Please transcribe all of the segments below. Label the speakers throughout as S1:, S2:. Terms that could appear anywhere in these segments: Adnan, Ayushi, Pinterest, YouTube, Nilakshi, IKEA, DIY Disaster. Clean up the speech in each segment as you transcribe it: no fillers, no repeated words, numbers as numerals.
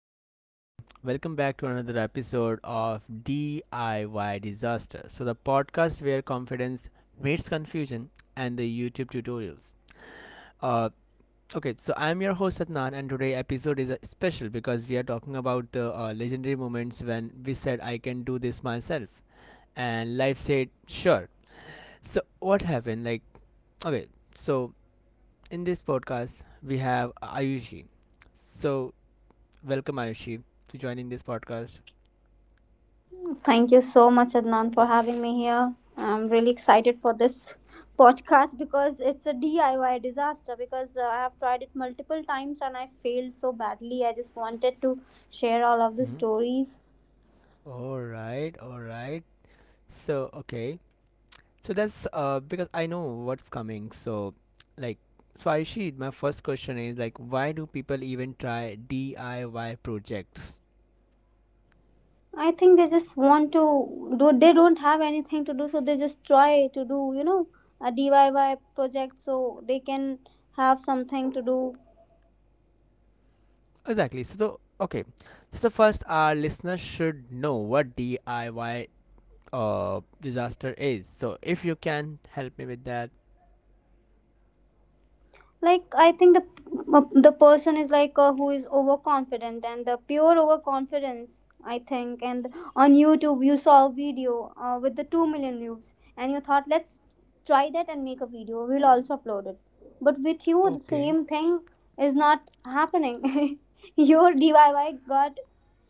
S1: everyone. Welcome back to another episode of DIY Disaster. So, the podcast where confidence meets confusion and the YouTube tutorials. Uh, okay, so I'm your host Adnan, and today episode is special because we are talking about the legendary moments when we said, I can do this myself, and life said, sure. So, what happened? Like, okay, so in this podcast, we have Ayushi. So, welcome, Ayushi, to joining this podcast.
S2: Thank you so much, Adnan, for having me here. I'm really excited for this podcast because it's a DIY disaster. Because I have tried it multiple times and I failed so badly. I just wanted to share all of the
S1: Mhm.
S2: stories.
S1: All right, all right. So, okay. So that's because I know what's coming. So, like, so Ayushi, my first question is like, why do people even try DIY projects?
S2: I think they just want to do. They don't have anything to do, so they just try to do, a DIY project so they can have something to do.
S1: Exactly. So, okay. So the first, our listeners should know what DIY disaster is. So, if you can help me with that.
S2: I think the person is like who is overconfident, and the pure overconfidence, I think, and on YouTube you saw a video with the 2 million views, and you thought, let's try that and make a video. We'll also upload it, but with you the
S1: Okay.
S2: same thing is not happening. Your DIY got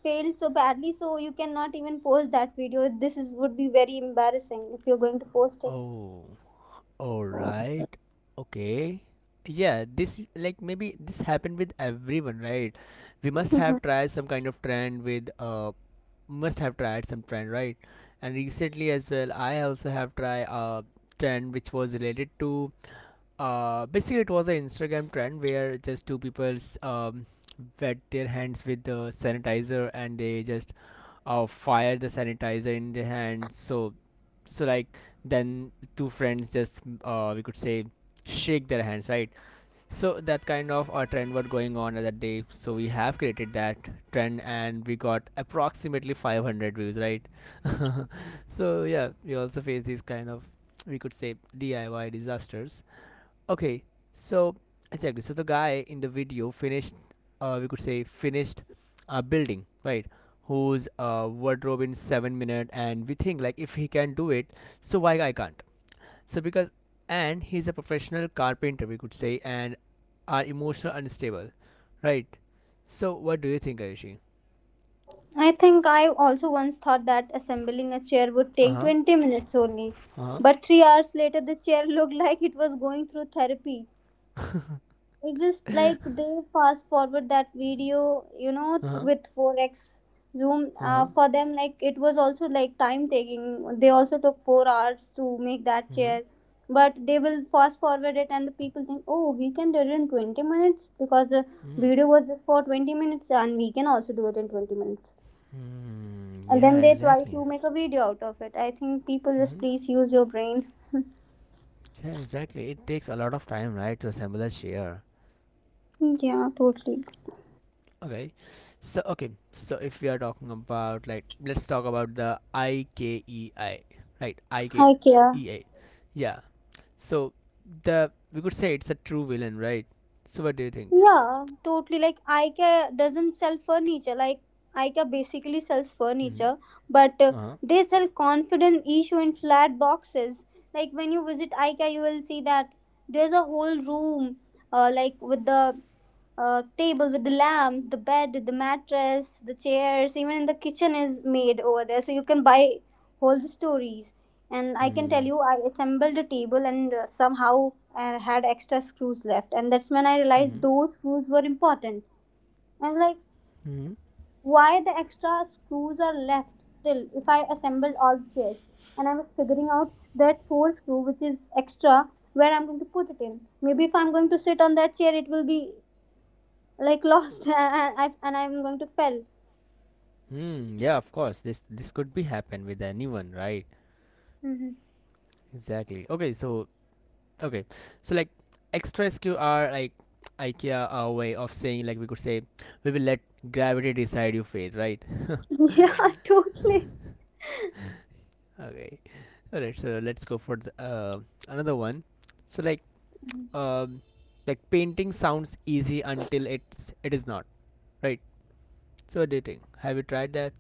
S2: failed so badly, so you cannot even post that video. This is would be very embarrassing if you're going to post
S1: Oh. All right. Okay. Yeah, like maybe this happened with everyone, right? We must
S2: it.
S1: have tried some kind of trend with must have tried some trend, right? And recently as well, I also have tried a trend which was related to basically it was an Instagram trend where just two people um, wet their hands with the sanitizer and they just fire the sanitizer in their hand. So, like then two friends just we could say shake their hands, right? So that kind of a trend was going on at that day. So we have created that trend and we got approximately 500 views, right? So yeah, we also face these kind of, we could say, DIY disasters. Okay, so exactly. So the guy in the video finished, we could say finished, building right, whose wardrobe in 7 minutes, and we think like if he can do it, so why I can't? So because, and he's a professional carpenter, we could say, and are emotional unstable, right? So what do you think, Ayushi?
S2: I think I also once thought that assembling a chair would
S1: Uh
S2: take
S1: huh.
S2: 20 minutes only.
S1: Uh huh.
S2: But 3 hours later, the chair looked like it was going through therapy. It's just like they fast forward that video, you know,
S1: Uh huh.
S2: with 4x zoom.
S1: Uh huh.
S2: For them, like it was also like time taking. They also took 4 hours to make that
S1: Mm-hmm.
S2: chair. But they will fast forward it, and the people think, oh, he can do it in 20 minutes because the
S1: Mm-hmm.
S2: video was just for 20 minutes, and we can also do it in 20 minutes, and then
S1: Yeah,
S2: they try
S1: exactly.
S2: to make a video out of it. I think people, just
S1: Mm-hmm.
S2: please use your brain.
S1: Yeah, exactly. It takes a lot of time, right, to assemble a chair.
S2: Yeah, totally.
S1: Okay. So okay, so if we are talking about, like, let's talk about the IKEI, right?
S2: IKEA.
S1: IKEA. Yeah. So the we could say it's a true villain, right? So what do you think?
S2: Yeah, totally. Like IKEA doesn't sell furniture. Like IKEA basically sells furniture,
S1: Mm-hmm.
S2: but
S1: Uh-huh.
S2: they sell confidence issue in flat boxes. Like when you visit IKEA, you will see that there's a whole room, like with the table with the lamp, the bed, the mattress, the chairs, even in the kitchen is made over there. So you can buy whole the stories. And I can tell
S1: Hmm.
S2: you, I assembled a table, and somehow I had extra screws left. And that's when I realized
S1: Hmm.
S2: those screws were important. I was like,
S1: Hmm.
S2: why the extra screws are left still if I assembled all the chairs? And I was figuring out that fourth screw, which is extra, where I'm going to put it in. Maybe if I'm going to sit on that chair, it will be like lost, and, I, and I'm going to fell.
S1: Hmm. Yeah, of course. This could be happen with anyone, right?
S2: Mhm.
S1: Exactly. Okay, so. Okay, like extra SQ are like IKEA a way of saying, like, we could say, we will let gravity decide your fate, right?
S2: Yeah, totally.
S1: Okay, all right. So let's go for another one. So like,
S2: Mhm.
S1: um, like painting sounds easy until it is not, right? So what do you think? Have you tried that?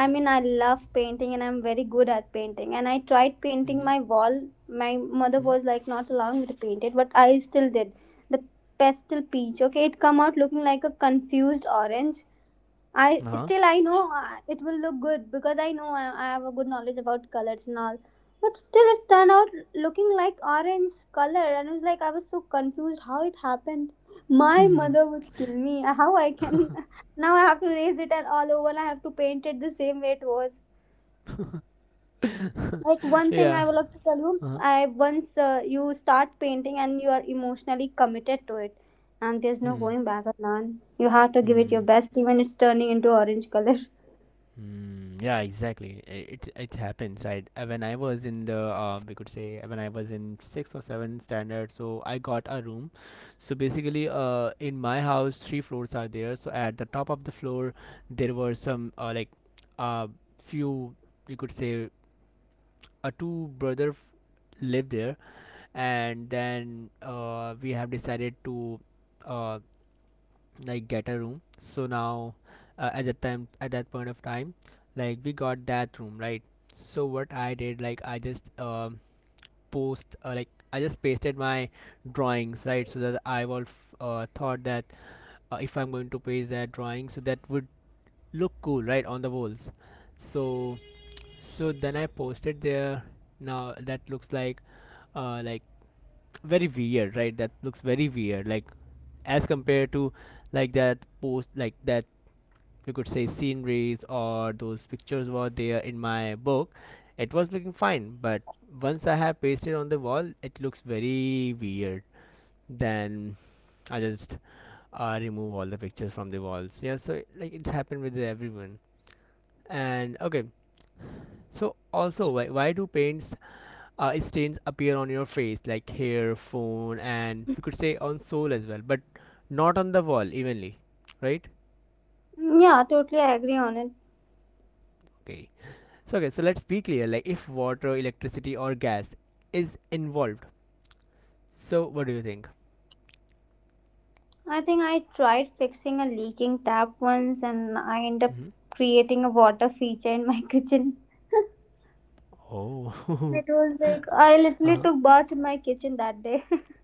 S2: I mean, I love painting, and I'm very good at painting, and I tried painting
S1: Mm-hmm.
S2: my wall. My mother was like not allowing me to paint it, but I still did the pastel peach. Okay, it come out looking like a confused orange. I
S1: Uh huh.
S2: still, I know it will look good because I know I have a good knowledge about colors and all. But still, it turned out looking like orange color, and it was like I was so confused how it happened. My mother would kill me. How I can now I have to raise it and all over. I have to paint it the same way it was. Like one thing
S1: Yeah.
S2: I would like to tell you,
S1: Uh huh.
S2: I once you start painting and you are emotionally committed to it, and there's no
S1: Hmm.
S2: going back, Adnan. You have to give it
S1: Hmm.
S2: your best, even it's turning into orange color.
S1: Hmm. Yeah, exactly. It happens, right? When I was in the, we could say, when I was in sixth or seventh standard, so I got a room. So basically, in my house, three floors are there. So at the top of the floor, there were some uh few, you could say, two brother live there, and then we have decided to uh like get a room. So now, at that point of time, like, we got that room, right? So what I did, like, I just post like, I just pasted my drawings, right? So that I will thought that if I'm going to paste that drawing, so that would look cool, right, on the walls. So, so then I posted there. Now that looks like, uh like very weird, right? That looks very weird, like, as compared to, like, that we could say sceneries or those pictures were there in my book, it was looking fine. But once I have pasted on the wall, it looks very weird. Then I just remove all the pictures from the walls. Yeah, so like, it's happened with everyone. And okay, so also why do paints stains appear on your face, like, hair phone, and we could say on soul as well, but not on the wall evenly, right?
S2: Yeah, totally, I agree on it.
S1: Okay. So okay, so let's be clear. Like, if water, electricity, or gas is involved, so what do you think?
S2: I think I tried fixing a leaking tap once, and I ended up
S1: Mm-hmm.
S2: creating a water feature in my kitchen.
S1: Oh.
S2: It was like I literally took bath in my kitchen that day.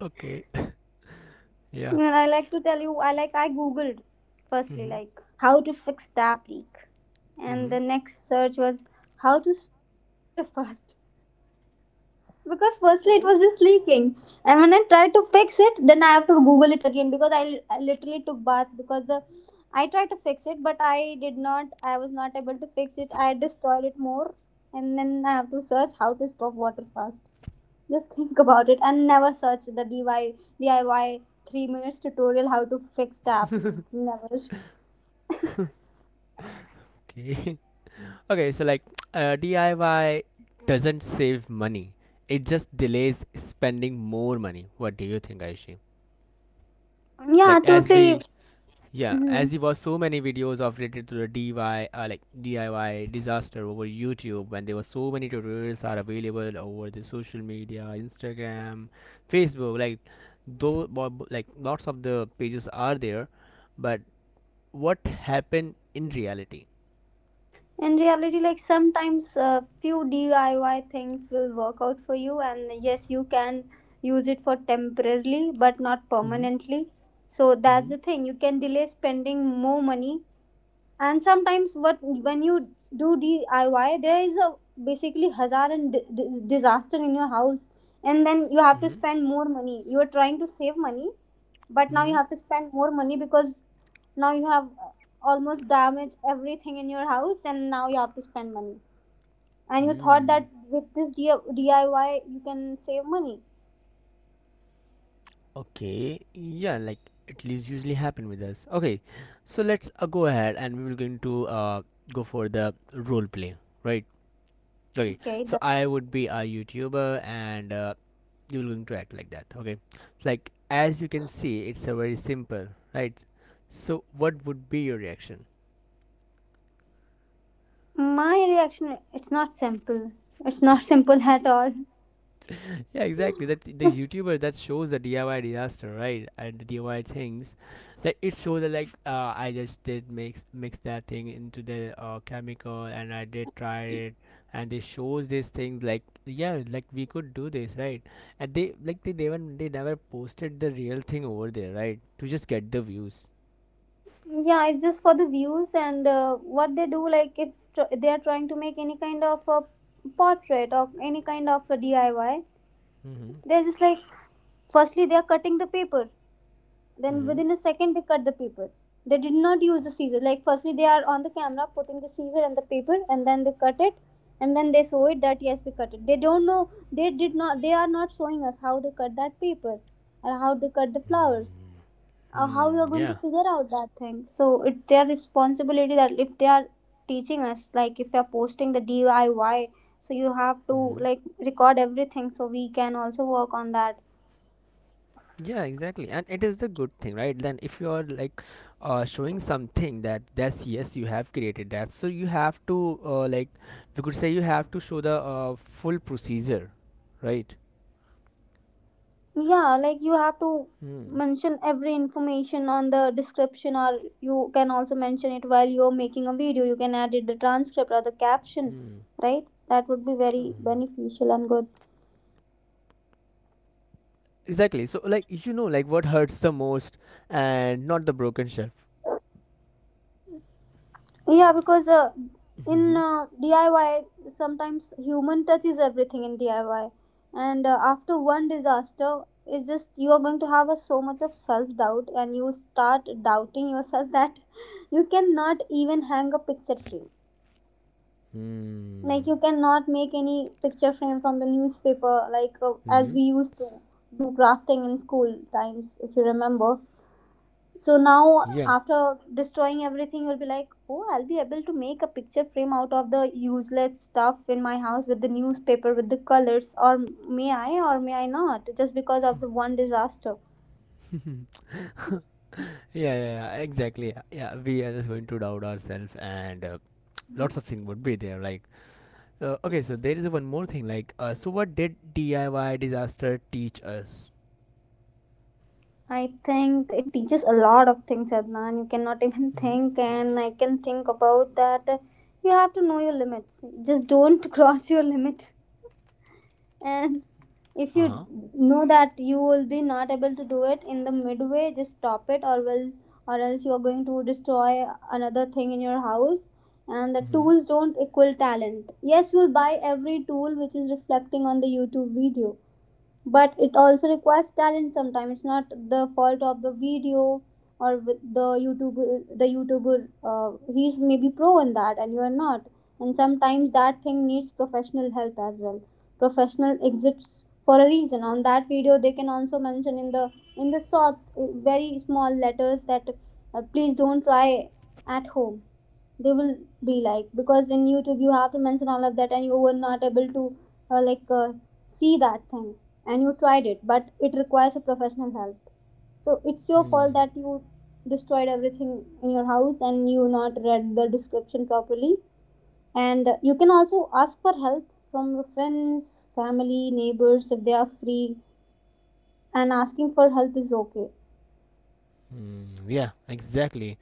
S1: Okay. Yeah.
S2: And I like to tell you, I like I googled firstly,
S1: Mm-hmm.
S2: like, how to fix tap leak, and
S1: Mm-hmm.
S2: the next search was how to stop water fast. Because firstly it was
S1: Oh,
S2: just leaking, and when I tried to fix it, then I have to google it again because I literally took bath because the I tried to fix it but I did not. I was not able to fix it. I destroyed it more, and then I have to search how to stop water fast. Just think about it, and never search the diy 3 minutes tutorial how to fix tap leak. Never.
S1: okay. Okay, so like, DIY doesn't save money. It just delays spending more money. What do you think, Aishi?
S2: Yeah,
S1: Like, as
S2: totally.
S1: we. Yeah,
S2: Mhm.
S1: as there were so many videos of related to the DIY, like, DIY disaster over YouTube, and there were so many tutorials are available over the social media, Instagram, Facebook. Like, though, like lots of the pages are there, but what happened in reality?
S2: In reality, like, sometimes a few DIY things will work out for you, and yes, you can use it for temporarily but not
S1: Mm-hmm.
S2: permanently. So that's
S1: Mm-hmm.
S2: the thing, you can delay spending more money. And sometimes what, when you do DIY, there is a basically hazard and disaster in your house, and then you have to
S1: Mm-hmm.
S2: spend more money. You are trying to save money, but now you
S1: Mm-hmm.
S2: have to spend more money, because now you have almost damaged everything in your house, and now you have to spend money. And you thought
S1: Mm.
S2: that with this DIY you can save money.
S1: Okay. Yeah, like, it leaves usually happen with us. Okay, so let's go ahead and we will going to go for the role play, right? Okay,
S2: Okay,
S1: so
S2: done.
S1: I would be a YouTuber and you're going to act like that. Okay, like, as you can see, it's a very simple, right? So, what would be your reaction?
S2: My reaction, it's not simple. It's not simple at all.
S1: Yeah, exactly. That the YouTuber that shows the DIY disaster, right? And the DIY things, that it shows that like, I just did mix that thing into the chemical, and I did try it, and they shows these things like, yeah, like, we could do this, right? And they like, they never, posted the real thing over there, right? To just get the views.
S2: Yeah, it's just for the views, and what they do, like, if they are trying to make any kind of a portrait or any kind of a DIY,
S1: Mm-hmm.
S2: they're just like firstly they are cutting the paper, then
S1: Mm-hmm.
S2: within a second they cut the paper. They did not use the scissor. Like firstly, they are on the camera putting the scissor and the paper, and then they cut it, and then they show it that yes, we cut it. They don't know, they did not, they are not showing us how they cut that paper and how they cut the flowers. How you are
S1: Mm-hmm.
S2: going to
S1: Yeah.
S2: figure out that thing? So it's their responsibility that if they are teaching us, like, if you are posting the DIY, so you have to
S1: Mm-hmm.
S2: like record everything so we can also work on that.
S1: Yeah, exactly, and it is the good thing, right? Then, if you are like, showing something that that's yes, you have created that, so you have to, we could say, you have to show the full procedure, right?
S2: Yeah, like you have to
S1: Hmm.
S2: mention every information on the description, or you can also mention it while you're making a video. You can edit the transcript or the caption,
S1: Hmm.
S2: right? That would be
S1: Oh.
S2: very beneficial and good.
S1: Exactly. So, like, you know, like, what hurts the most, and not the broken shelf.
S2: Yeah, because in
S1: Mm-hmm.
S2: DIY, sometimes human touch is everything in DIY. And after one disaster, it's just you are going to have a, so much of self doubt, and you start doubting yourself that you cannot even hang a picture frame. Like,
S1: Hmm.
S2: you cannot make any picture frame from the newspaper, like as
S1: Mm-hmm.
S2: we used to do crafting in school times, if you remember. So now,
S1: Yeah.
S2: after destroying everything, you'll be like, oh, I'll be able to make a picture frame out of the useless stuff in my house with the newspaper, with the colors, or may I not, just because of the one disaster.
S1: Yeah, exactly. Yeah, yeah, we are just going to doubt ourselves, and lots of things would be there, like. Okay, so there is one more thing. Like, so what did DIY disaster teach us?
S2: I think it teaches a lot of things, Adnan. You cannot even
S1: Mm-hmm.
S2: think, and I can think about that. You have to know your limits. Just don't cross your limit. And if
S1: Uh
S2: you
S1: huh.
S2: know that you will be not able to do it in the midway, just stop it, or will, or else you are going to destroy another thing in your house. And the tools don't equal talent. Yes, you'll buy every tool which is reflecting on the YouTube video, but it also requires talent. Sometimes it's not the fault of the video or with the YouTuber. The YouTuber, he's maybe pro in that and you are not. And sometimes that thing needs professional help as well. Professional exists for a reason. On that video, they can also mention in the short very small letters that please don't try at home. They will be like, because in YouTube you have to mention all of that, and you were not able to uh, like uh, see that thing, and you tried it, but it requires a professional help. So it's your
S1: Mm-hmm. Mm.
S2: fault that you destroyed everything in your house, and you not read the description properly. And you can also ask for help from your friends, family, neighbors, if they are free. And asking for help is okay.
S1: Mm, yeah, exactly.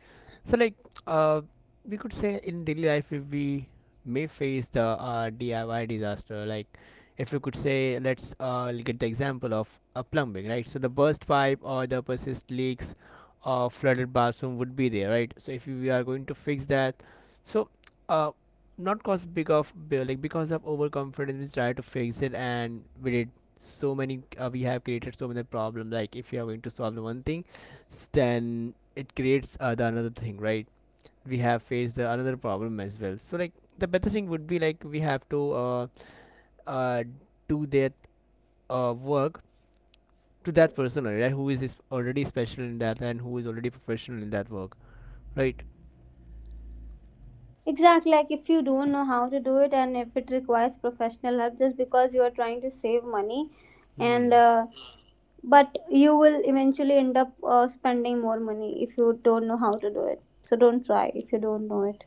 S1: So, like, uh, we could say in daily life we may face the DIY disaster. Like, if you could say, let's get the example of a plumbing, right? So, the burst pipe or the persist leaks or flooded bathroom would be there, right? So, if we are going to fix that, so uh, not cause big of bill, like, because of overconfidence, we try to fix it and we did so many we have created so many problems. Like, if you are going to solve the one thing, then it creates the another thing, right? We have faced the another problem as well. So like, the better thing would be like, we have to uh, do that work to that person, right, who is already special in that and who is already professional in that work, right?
S2: Exactly, like if you don't know how to do it, and if it requires professional help, just because you are trying to save money, and
S1: Hmm.
S2: but you will eventually end up spending more money if you don't know how to do it. So don't try if you don't know it.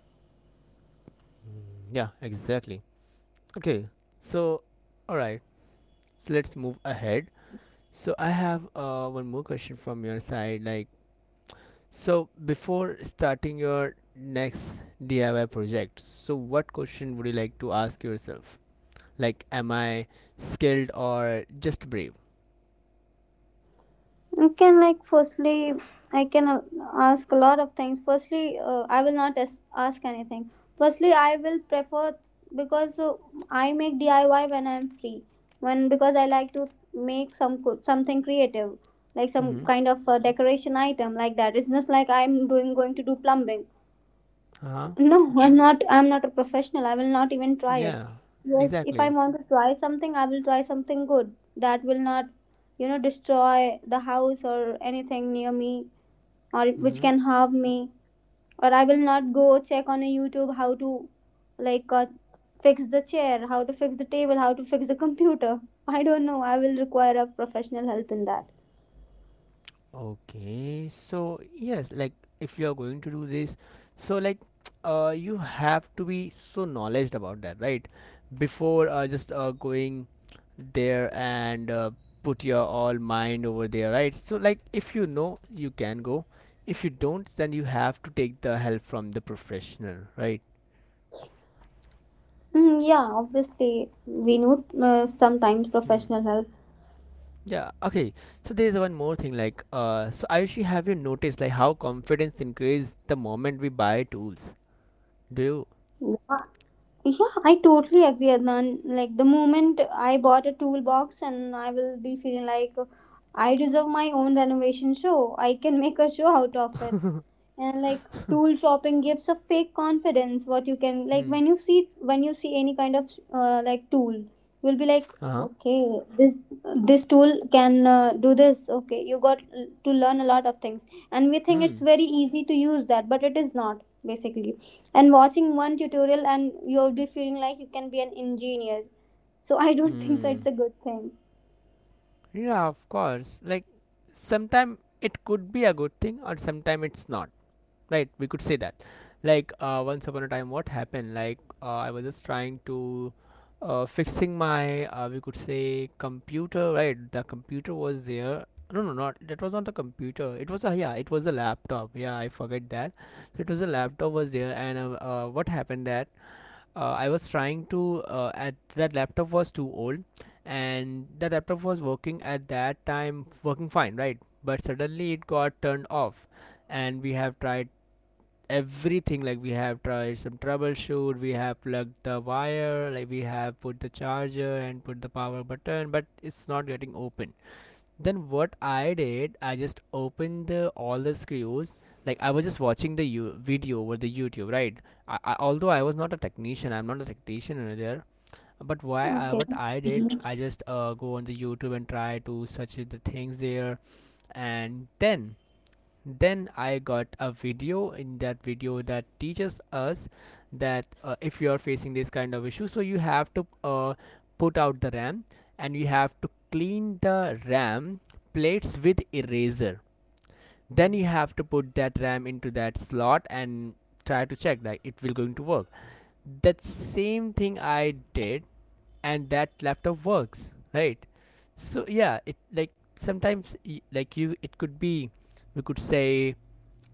S1: Yeah, exactly. Okay. So, all right, so let's move ahead. So I have one more question from your side, like. So before starting your next DIY project, so what question would you like to ask yourself? Like, am I skilled or just brave?
S2: I can, like, firstly I can ask a lot of things. Firstly I will not ask anything. Firstly I will prefer, because I make DIY when I'm free, when, because I like to make some something creative, like some
S1: Mm-hmm.
S2: kind of decoration item. Like that, it's just like I'm doing going to do plumbing.
S1: Uh huh.
S2: No, I'm not. I'm not a professional. I will not even try it.
S1: Yeah.
S2: Yes, if I
S1: Exactly.
S2: want to try something, I will try something good that will not, destroy the house or anything near me or which
S1: Mm-hmm.
S2: can harm me. Or I will not go check on a YouTube how to, like, uh, fix the chair, how to fix the table, how to fix the computer. I don't know. I will require a professional help in that.
S1: Okay, so yes, like, if you are going to do this, so like, you have to be so knowledge about that, right? Before just going there and put your all mind over there, right? So like, if you know, you can go. If you don't, then you have to take the help from the professional, right?
S2: Yeah, obviously we need sometimes
S1: Hmm.
S2: professional help.
S1: Yeah, okay. So there's one more thing, like, so Ayushi, have you noticed like how confidence increases the moment we buy tools? Do you?
S2: Yeah. Yeah, I totally agree, Adnan. Like the moment I bought a toolbox, and I will be feeling like I deserve my own renovation show. I can make a show out of it, and like tool shopping gives a fake confidence what you can like
S1: Hmm.
S2: when you see any kind of like tool, you'll be like,
S1: Uh-huh.
S2: okay, this tool can do this. Okay, you got to learn a lot of things, and we think it's
S1: Hmm.
S2: very easy to use that, but it is not basically. And watching one tutorial and you'll be feeling like you can be an engineer, so I don't think so
S1: Hmm.
S2: it's a good thing.
S1: Yeah, of course. Like, sometime it could be a good thing or sometime it's not. Right? We could say that. Like, once upon a time, what happened? Like, I was just trying to fixing my, we could say, computer, right? The computer was there. No, no, not that, was not the computer. It was a, yeah, it was a laptop. Yeah, I forget that. It was a laptop was there and what happened that I was trying to at that laptop was too old, and the laptop was working at that time, working fine, right? But suddenly it got turned off, and we have tried everything. Like, we have tried some troubleshoot, we have plugged the wire, like we have put the charger and put the power button, but it's not getting open. Then what I did, I just opened the, all the screws. Like I was just watching the you video over the YouTube, right? Although I was not a technician, I'm not a technician over there. But why?
S2: Okay.
S1: What I did,
S2: Mm-hmm.
S1: I just go on the YouTube and try to search the things there, and then I got a video. In that video that teaches us that if you are facing this kind of issue, so you have to put out the RAM, and you have to clean the RAM plates with eraser. Then you have to put that RAM into that slot and try to check that it will going to work. That same thing I did, and that laptop works, right? So yeah, it like sometimes, like you it could be, we could say,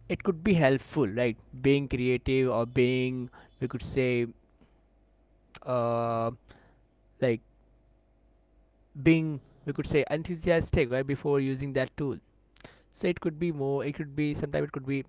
S1: it could be helpful, right? Being creative or being, we could say, uh, like being, we could say, enthusiastic, right, before using that tool. So it could be more, it could be sometimes, it could be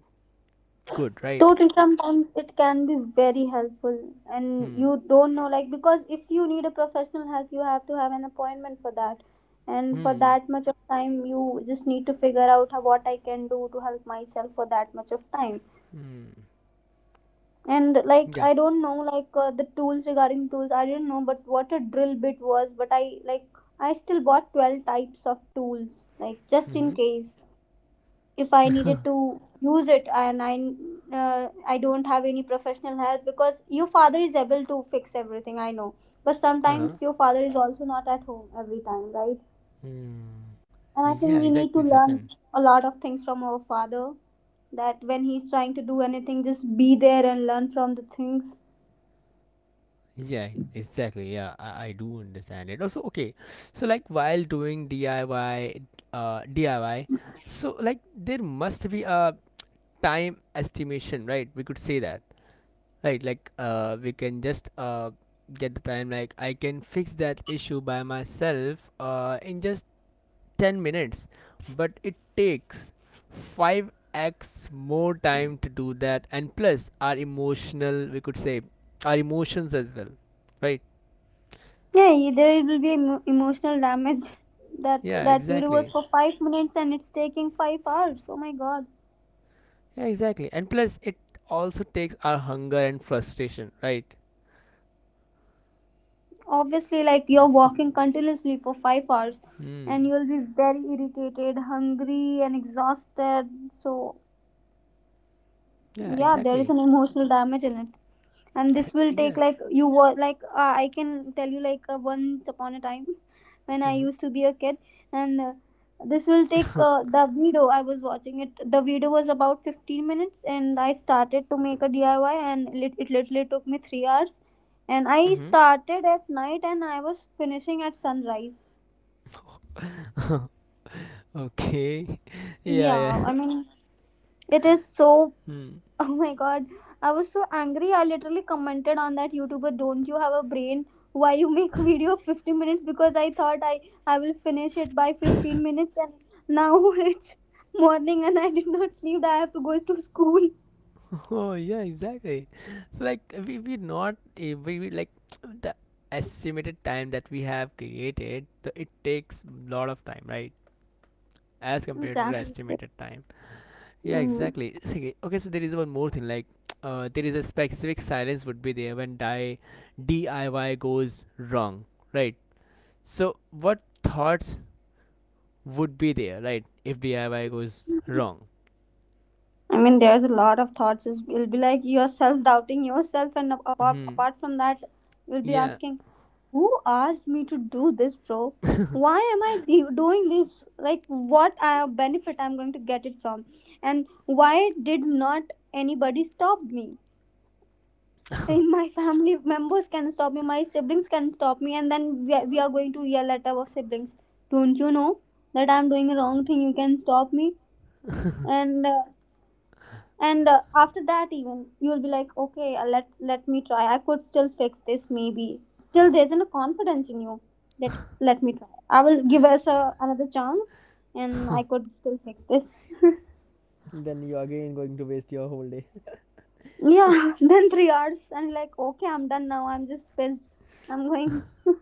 S1: good, right?
S2: Totally, sometimes it can be very helpful, and
S1: Hmm.
S2: you don't know, like, because if you need a professional help, you have to have an appointment for that. And for
S1: Hmm.
S2: that much of time, you just need to figure out how, what I can do to help myself for that much of time.
S1: Hmm.
S2: And like,
S1: Yeah.
S2: I don't know, like, the tools regarding tools, I didn't know, but what a drill bit was, but I like, I still bought 12 types of tools, like, just
S1: Mm-hmm.
S2: in case if I needed to use it, and I don't have any professional help because your father is able to fix everything, I know. But
S1: Uh-huh.
S2: sometimes your father is also not at home every time, right?
S1: Hmm.
S2: And I
S1: Yeah,
S2: think we need
S1: exactly,
S2: to
S1: this
S2: learn
S1: happened.
S2: a lot of things from our father, that when he's trying to do anything just be there and learn from the things.
S1: Yeah, exactly. Yeah, I do understand it. Also, okay, so like while doing DIY, uh, DIY, so like there must be a time estimation, right? We could say that, right? Like, we can just get the time. Like, I can fix that issue by myself, in just 10 minutes, but it takes five x more time to do that, and plus our emotional, we could say, our emotions as well, right?
S2: There will be emotional damage that
S1: Yeah,
S2: that video was
S1: exactly.
S2: for 5 minutes and it's taking 5 hours. Oh my god.
S1: Yeah, exactly. And plus, it also takes our hunger and frustration, right?
S2: Obviously, like you're walking continuously for 5 hours and
S1: Hmm.
S2: you'll be very irritated, hungry and exhausted. So
S1: Yeah,
S2: yeah, there is
S1: exactly.
S2: an emotional damage in it. And this will take
S1: Yeah.
S2: like you were like I can tell you like once upon a time when I used to be a kid, and this will take the video I was watching it, the video was about 15 minutes and I started to make a DIY and it literally took me 3 hours. And I
S1: Mm-hmm.
S2: started at night and I was finishing at sunrise.
S1: Okay. Yeah,
S2: Yeah,
S1: yeah.
S2: I mean, it is so
S1: Hmm.
S2: Oh my god, I was so angry. I literally commented on that YouTuber, don't you have a brain? Why you make a video of 15 minutes? Because I thought I will finish it by 15 minutes and now it's morning and I did not sleep. I have to go to school.
S1: Oh, yeah, exactly. So, like, we not eh, we like the estimated time that we have created. The, it takes lot of time, right? As compared to the
S2: Exactly.
S1: estimated time. Yeah,
S2: Mhm.
S1: exactly. It's okay, okay, so there is one more thing. Like, there is a specific silence would be there when DIY goes wrong, right? So what thoughts would be there, right, if DIY goes wrong?
S2: I mean, there's a lot of thoughts. It'll be like you're self doubting yourself, and
S1: Hmm.
S2: apart from that, you'll be
S1: Yeah.
S2: asking, who asked me to do this, bro? Why am I doing this? Like, what benefit I'm going to get it from? And why did not anybody stop me? And my family members can stop me, my siblings can stop me, and then we are going to yell at our siblings. Don't you know that I'm doing a wrong thing? You can stop me. And uh, and After that even you will be like, okay, let me try, I could still fix this. Maybe still there isn't a confidence in you, that let me try, I will give us another chance and I could still fix this.
S1: Then you again going to waste your whole day.
S2: Yeah, then 3 hours and like, okay, I'm done now, I'm just pissed. I'm going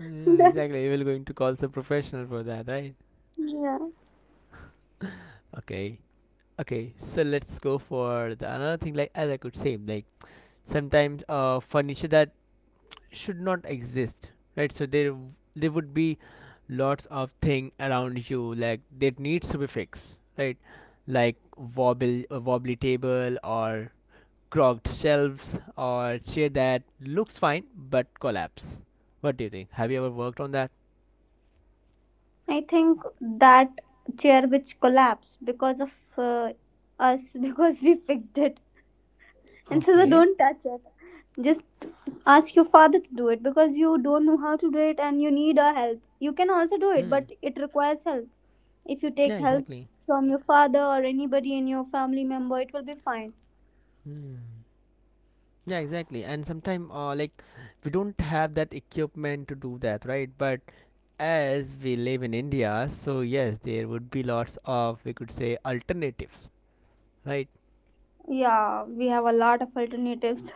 S1: Yeah,
S2: I'm done.
S1: exactly. We're going to call some professional for that, right?
S2: Yeah.
S1: Okay. Okay, so let's go for the another thing. Like, as I could say, like sometimes furniture that should not exist, right? So there would be lots of thing around you like that needs to be fixed, right? Like wobble a wobbly table, or crooked shelves, or chair that looks fine but collapse. What do you think? Have you ever worked on that?
S2: I think that chair which collapsed because of uh, us because we fixed it. And so they
S1: Okay.
S2: don't touch it. Just ask your father to do it because you don't know how to do it and you need our help. You can also do it,
S1: Hmm.
S2: but it requires help. If you take
S1: Yeah,
S2: help
S1: exactly.
S2: from your father or anybody in your family member, it will be fine.
S1: Hmm. Yeah, exactly. And sometimes, like, we don't have that equipment to do that, right? But as we live in India, so yes, there would be lots of, we could say, alternatives, right?
S2: Yeah, we have a lot of alternatives.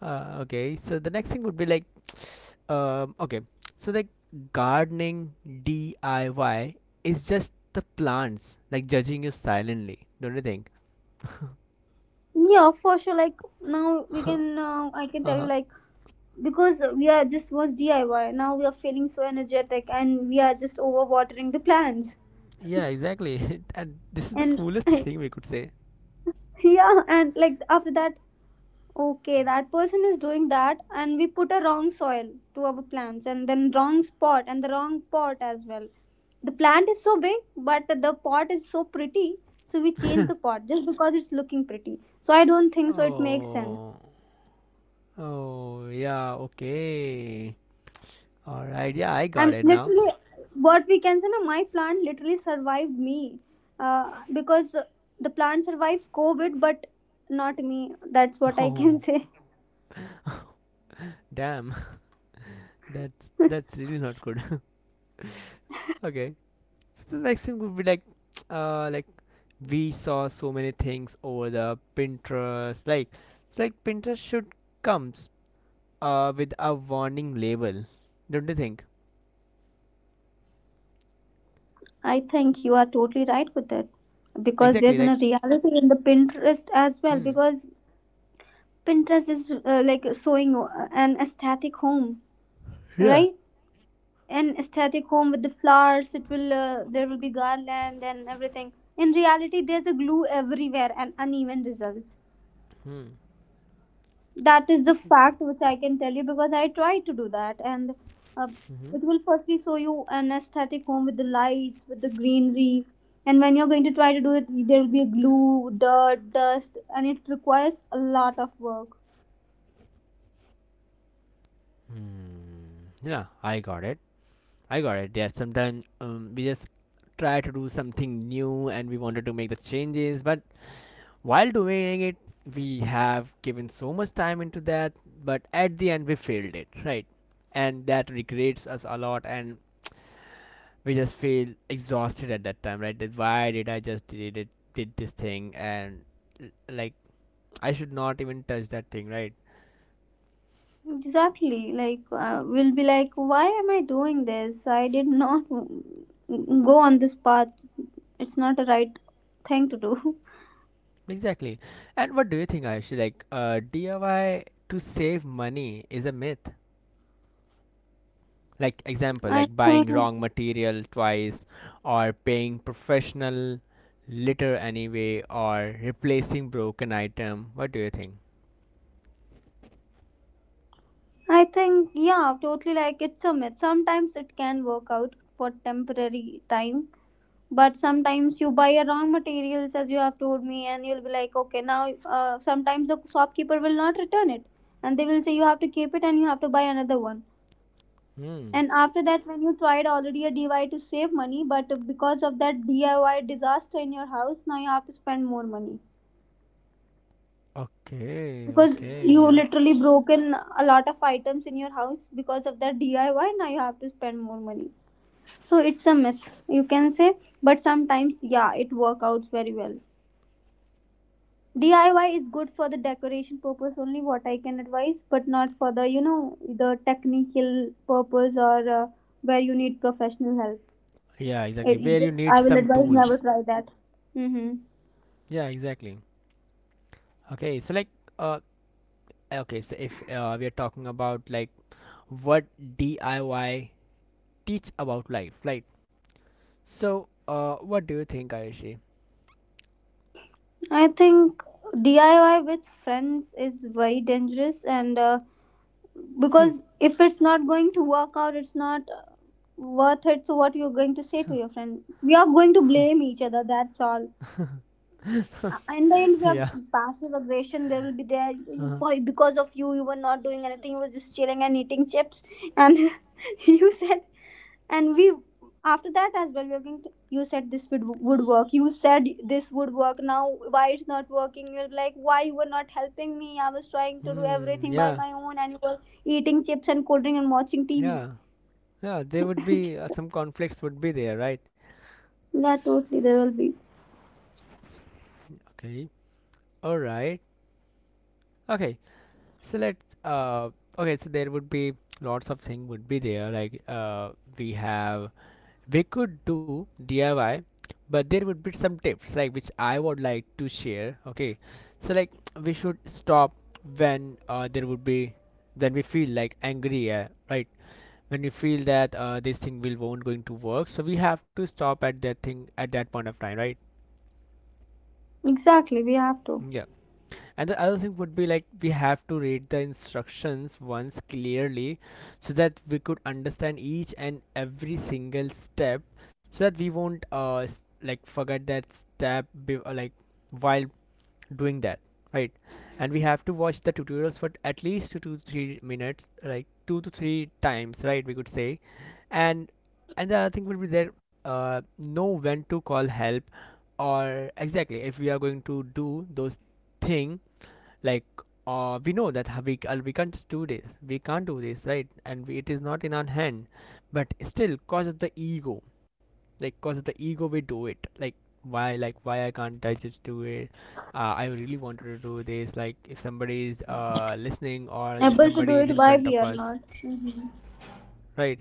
S1: Okay, so the next thing would be like, okay, so like gardening DIY is just the plants, like, judging you silently, don't you think?
S2: Yeah, for sure. Like now we can, I can tell you like because we are just was DIY. Now we are feeling so energetic and we are just overwatering the plants.
S1: Yeah, exactly. And this is the
S2: And
S1: foolest thing we could say.
S2: yeah, and like after that, okay, that person is doing that, and we put a wrong soil to our plants, and then wrong spot, and the wrong pot as well. The plant is so big, but the pot is so pretty, so we change the pot just because it's looking pretty. So I don't think so. It makes sense.
S1: Oh, oh, yeah, okay. All right, yeah, I got
S2: I'm
S1: it now.
S2: literally what we can say. No, my plant literally survived me, because the plant survived COVID, but not me. That's what I can
S1: Oh,
S2: say.
S1: damn, that's really not good. Okay, so the next thing would be like we saw so many things over the Pinterest. Like, it's like Pinterest should comes with a warning label, don't you think?
S2: I think you are totally right with that because there's
S1: Exactly,
S2: a
S1: like,
S2: reality in the Pinterest as well,
S1: hmm,
S2: because Pinterest is like showing an aesthetic home,
S1: yeah.
S2: right? An aesthetic home with the flowers. It will there will be garland and everything. In reality, there's a glue everywhere and uneven results.
S1: Hmm.
S2: That is the fact which I can tell you because I tried to do that, and uh,
S1: Mm-hmm.
S2: it will firstly show you an aesthetic home with the lights, with the greenery, and when you're going to try to do it there will be a glue, dirt, dust and it requires a lot of work.
S1: Hmm. Yeah, I got it. I got it. Yeah, sometimes we just try to do something new and we wanted to make the changes, but while doing it, we have given so much time into that, but at the end we failed it, right? And that regrets us a lot, and we just feel exhausted at that time, right? That why did I just did it, did this thing, and like I should not even touch that thing, right?
S2: Exactly, like we'll be like why am I doing this? I did not go on this path. It's not the right thing to do.
S1: Exactly. And what do you think, Ayush? Like, DIY to save money is a myth. Like example,
S2: I
S1: like buying
S2: think.
S1: wrong material twice, or paying professional litter anyway, or replacing broken item. What do you think?
S2: I think, yeah, totally like it's a myth. Sometimes it can work out for temporary time, but sometimes you buy a wrong materials as you have told me, and you'll be like, okay, now sometimes the shopkeeper will not return it, and they will say you have to keep it and you have to buy another one.
S1: Hmm.
S2: And after that, when you tried already a DIY to save money, but because of that DIY disaster in your house, now you have to spend more money,
S1: Okay,
S2: because
S1: okay,
S2: you
S1: yeah.
S2: literally broken a lot of items in your house because of that DIY. Now you have to spend more money. So it's a myth, you can say, but sometimes yeah, it works out very well. DIY is good for the decoration purpose only, what I can advise, but not for the the technical purpose or where you need professional help.
S1: Yeah,
S2: it,
S1: exactly,
S2: it
S1: where you
S2: just
S1: need
S2: I will
S1: some
S2: advise never
S1: tools.
S2: try that. Mm-hmm.
S1: Yeah, exactly. Okay, so like, uh, okay, so if we are talking about like what DIY teach about life, right? So what do you think, Ayushi?
S2: I think DIY with friends is very dangerous, and because if it's not going to work out, it's not worth it. So what you're going to say to your friend? We are going to blame each other, that's all. In the end we are
S1: Yeah.
S2: passive aggression there will be there. Why? Because of you, you were not doing anything, you were just chilling and eating chips, and you said, and we after that as well we are going to, you said would work, you said this would work, now why it's not working? You're like, why you were not helping me? I was trying to do
S1: Hmm.
S2: everything by
S1: Yeah.
S2: my own and you were eating chips and cold drink and watching TV.
S1: Yeah. Yeah, there would be some conflicts would be there, right?
S2: Yeah, totally there will be.
S1: Okay. All right. Okay. So let's okay, so there would be lots of thing would be there like we have we could do DIY, but there would be some tips like which I would like to share. Okay. So like we should stop when there would be when we feel like angry, right? When we feel that this thing will won't going to work. So we have to stop at that thing at that point of time, right?
S2: Exactly, we have to
S1: Yeah. And the other thing would be like we have to read the instructions once clearly, so that we could understand each and every single step, so that we won't like forget that step like while doing that, right? And we have to watch the tutorials for at least 2 to 3 minutes, like 2 to 3 times, right, we could say. And and the other thing would be there, uh, know when to call help, or exactly if we are going to do those thing, like, we know that we can't just do this, we can't do this, right? And we, it is not in our hand, but still cause of the ego, like cause of the ego we do it. Like why, like why I can't I just do it? Uh, I really wanted to do this, like if somebody is listening, or if
S2: able to do
S1: somebody is
S2: it,
S1: in
S2: why
S1: front
S2: we
S1: of
S2: are
S1: us,
S2: not? Mhm.
S1: right?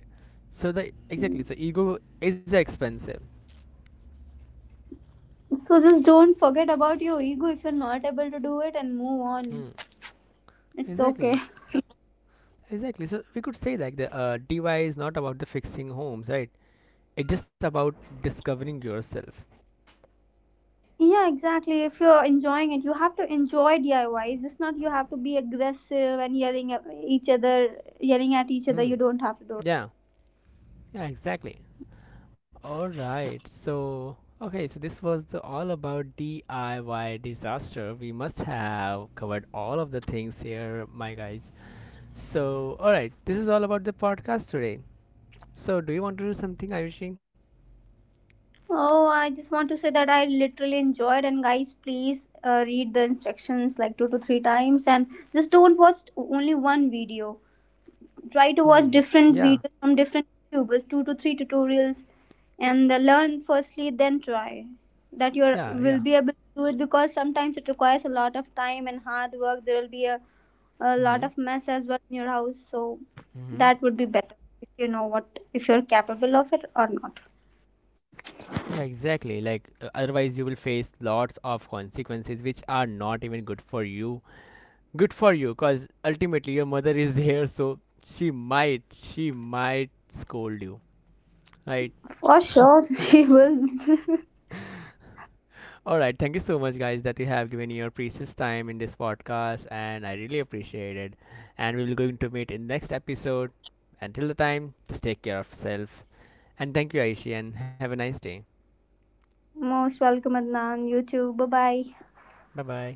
S1: So the exactly,
S2: Mm.
S1: so ego is expensive.
S2: So just don't forget about your ego if you're not able to do it and move on.
S1: Hmm.
S2: It's okay.
S1: Exactly. Exactly, so we could say like the DY is not about the fixing homes, right? It is about discovering yourself.
S2: Yeah, exactly. If you're enjoying it, you have to enjoy DIYs. It's not you have to be aggressive and yelling at each other, yelling at each other.
S1: Hmm.
S2: You don't have to do it.
S1: Yeah. Yeah. Exactly. All right. So okay. So this was the all about DIY disaster. We must have covered all of the things here, my guys. So all right. This is all about the podcast today. So do you want to do something, Ayushi?
S2: Oh, I just want to say that I literally enjoyed. And guys, please read the instructions like 2 to 3 times, and just don't watch only one video. Try to watch
S1: Hmm.
S2: different
S1: Yeah.
S2: videos from different YouTubers, 2 to 3 tutorials, and learn firstly, then try. That you
S1: Yeah. Yeah.
S2: will be able to do it because sometimes it requires a lot of time and hard work. There will be a
S1: Mm-hmm.
S2: lot of mess as well in your house, so
S1: Mm-hmm.
S2: that would be better if you know what if you're capable of it or not.
S1: Yeah, exactly. Like otherwise, you will face lots of consequences which are not even good for you, good for you, because ultimately your mother is here, so she might, she might scold you, right?
S2: For sure, she will.
S1: All right, thank you so much guys that you have given your precious time in this podcast, and I really appreciate it. And we will going to meet in next episode. Until the time, just take care of yourself. And thank you, Aishi, and have a nice day.
S2: Most welcome, Adnan. You too. Bye bye.
S1: Bye bye.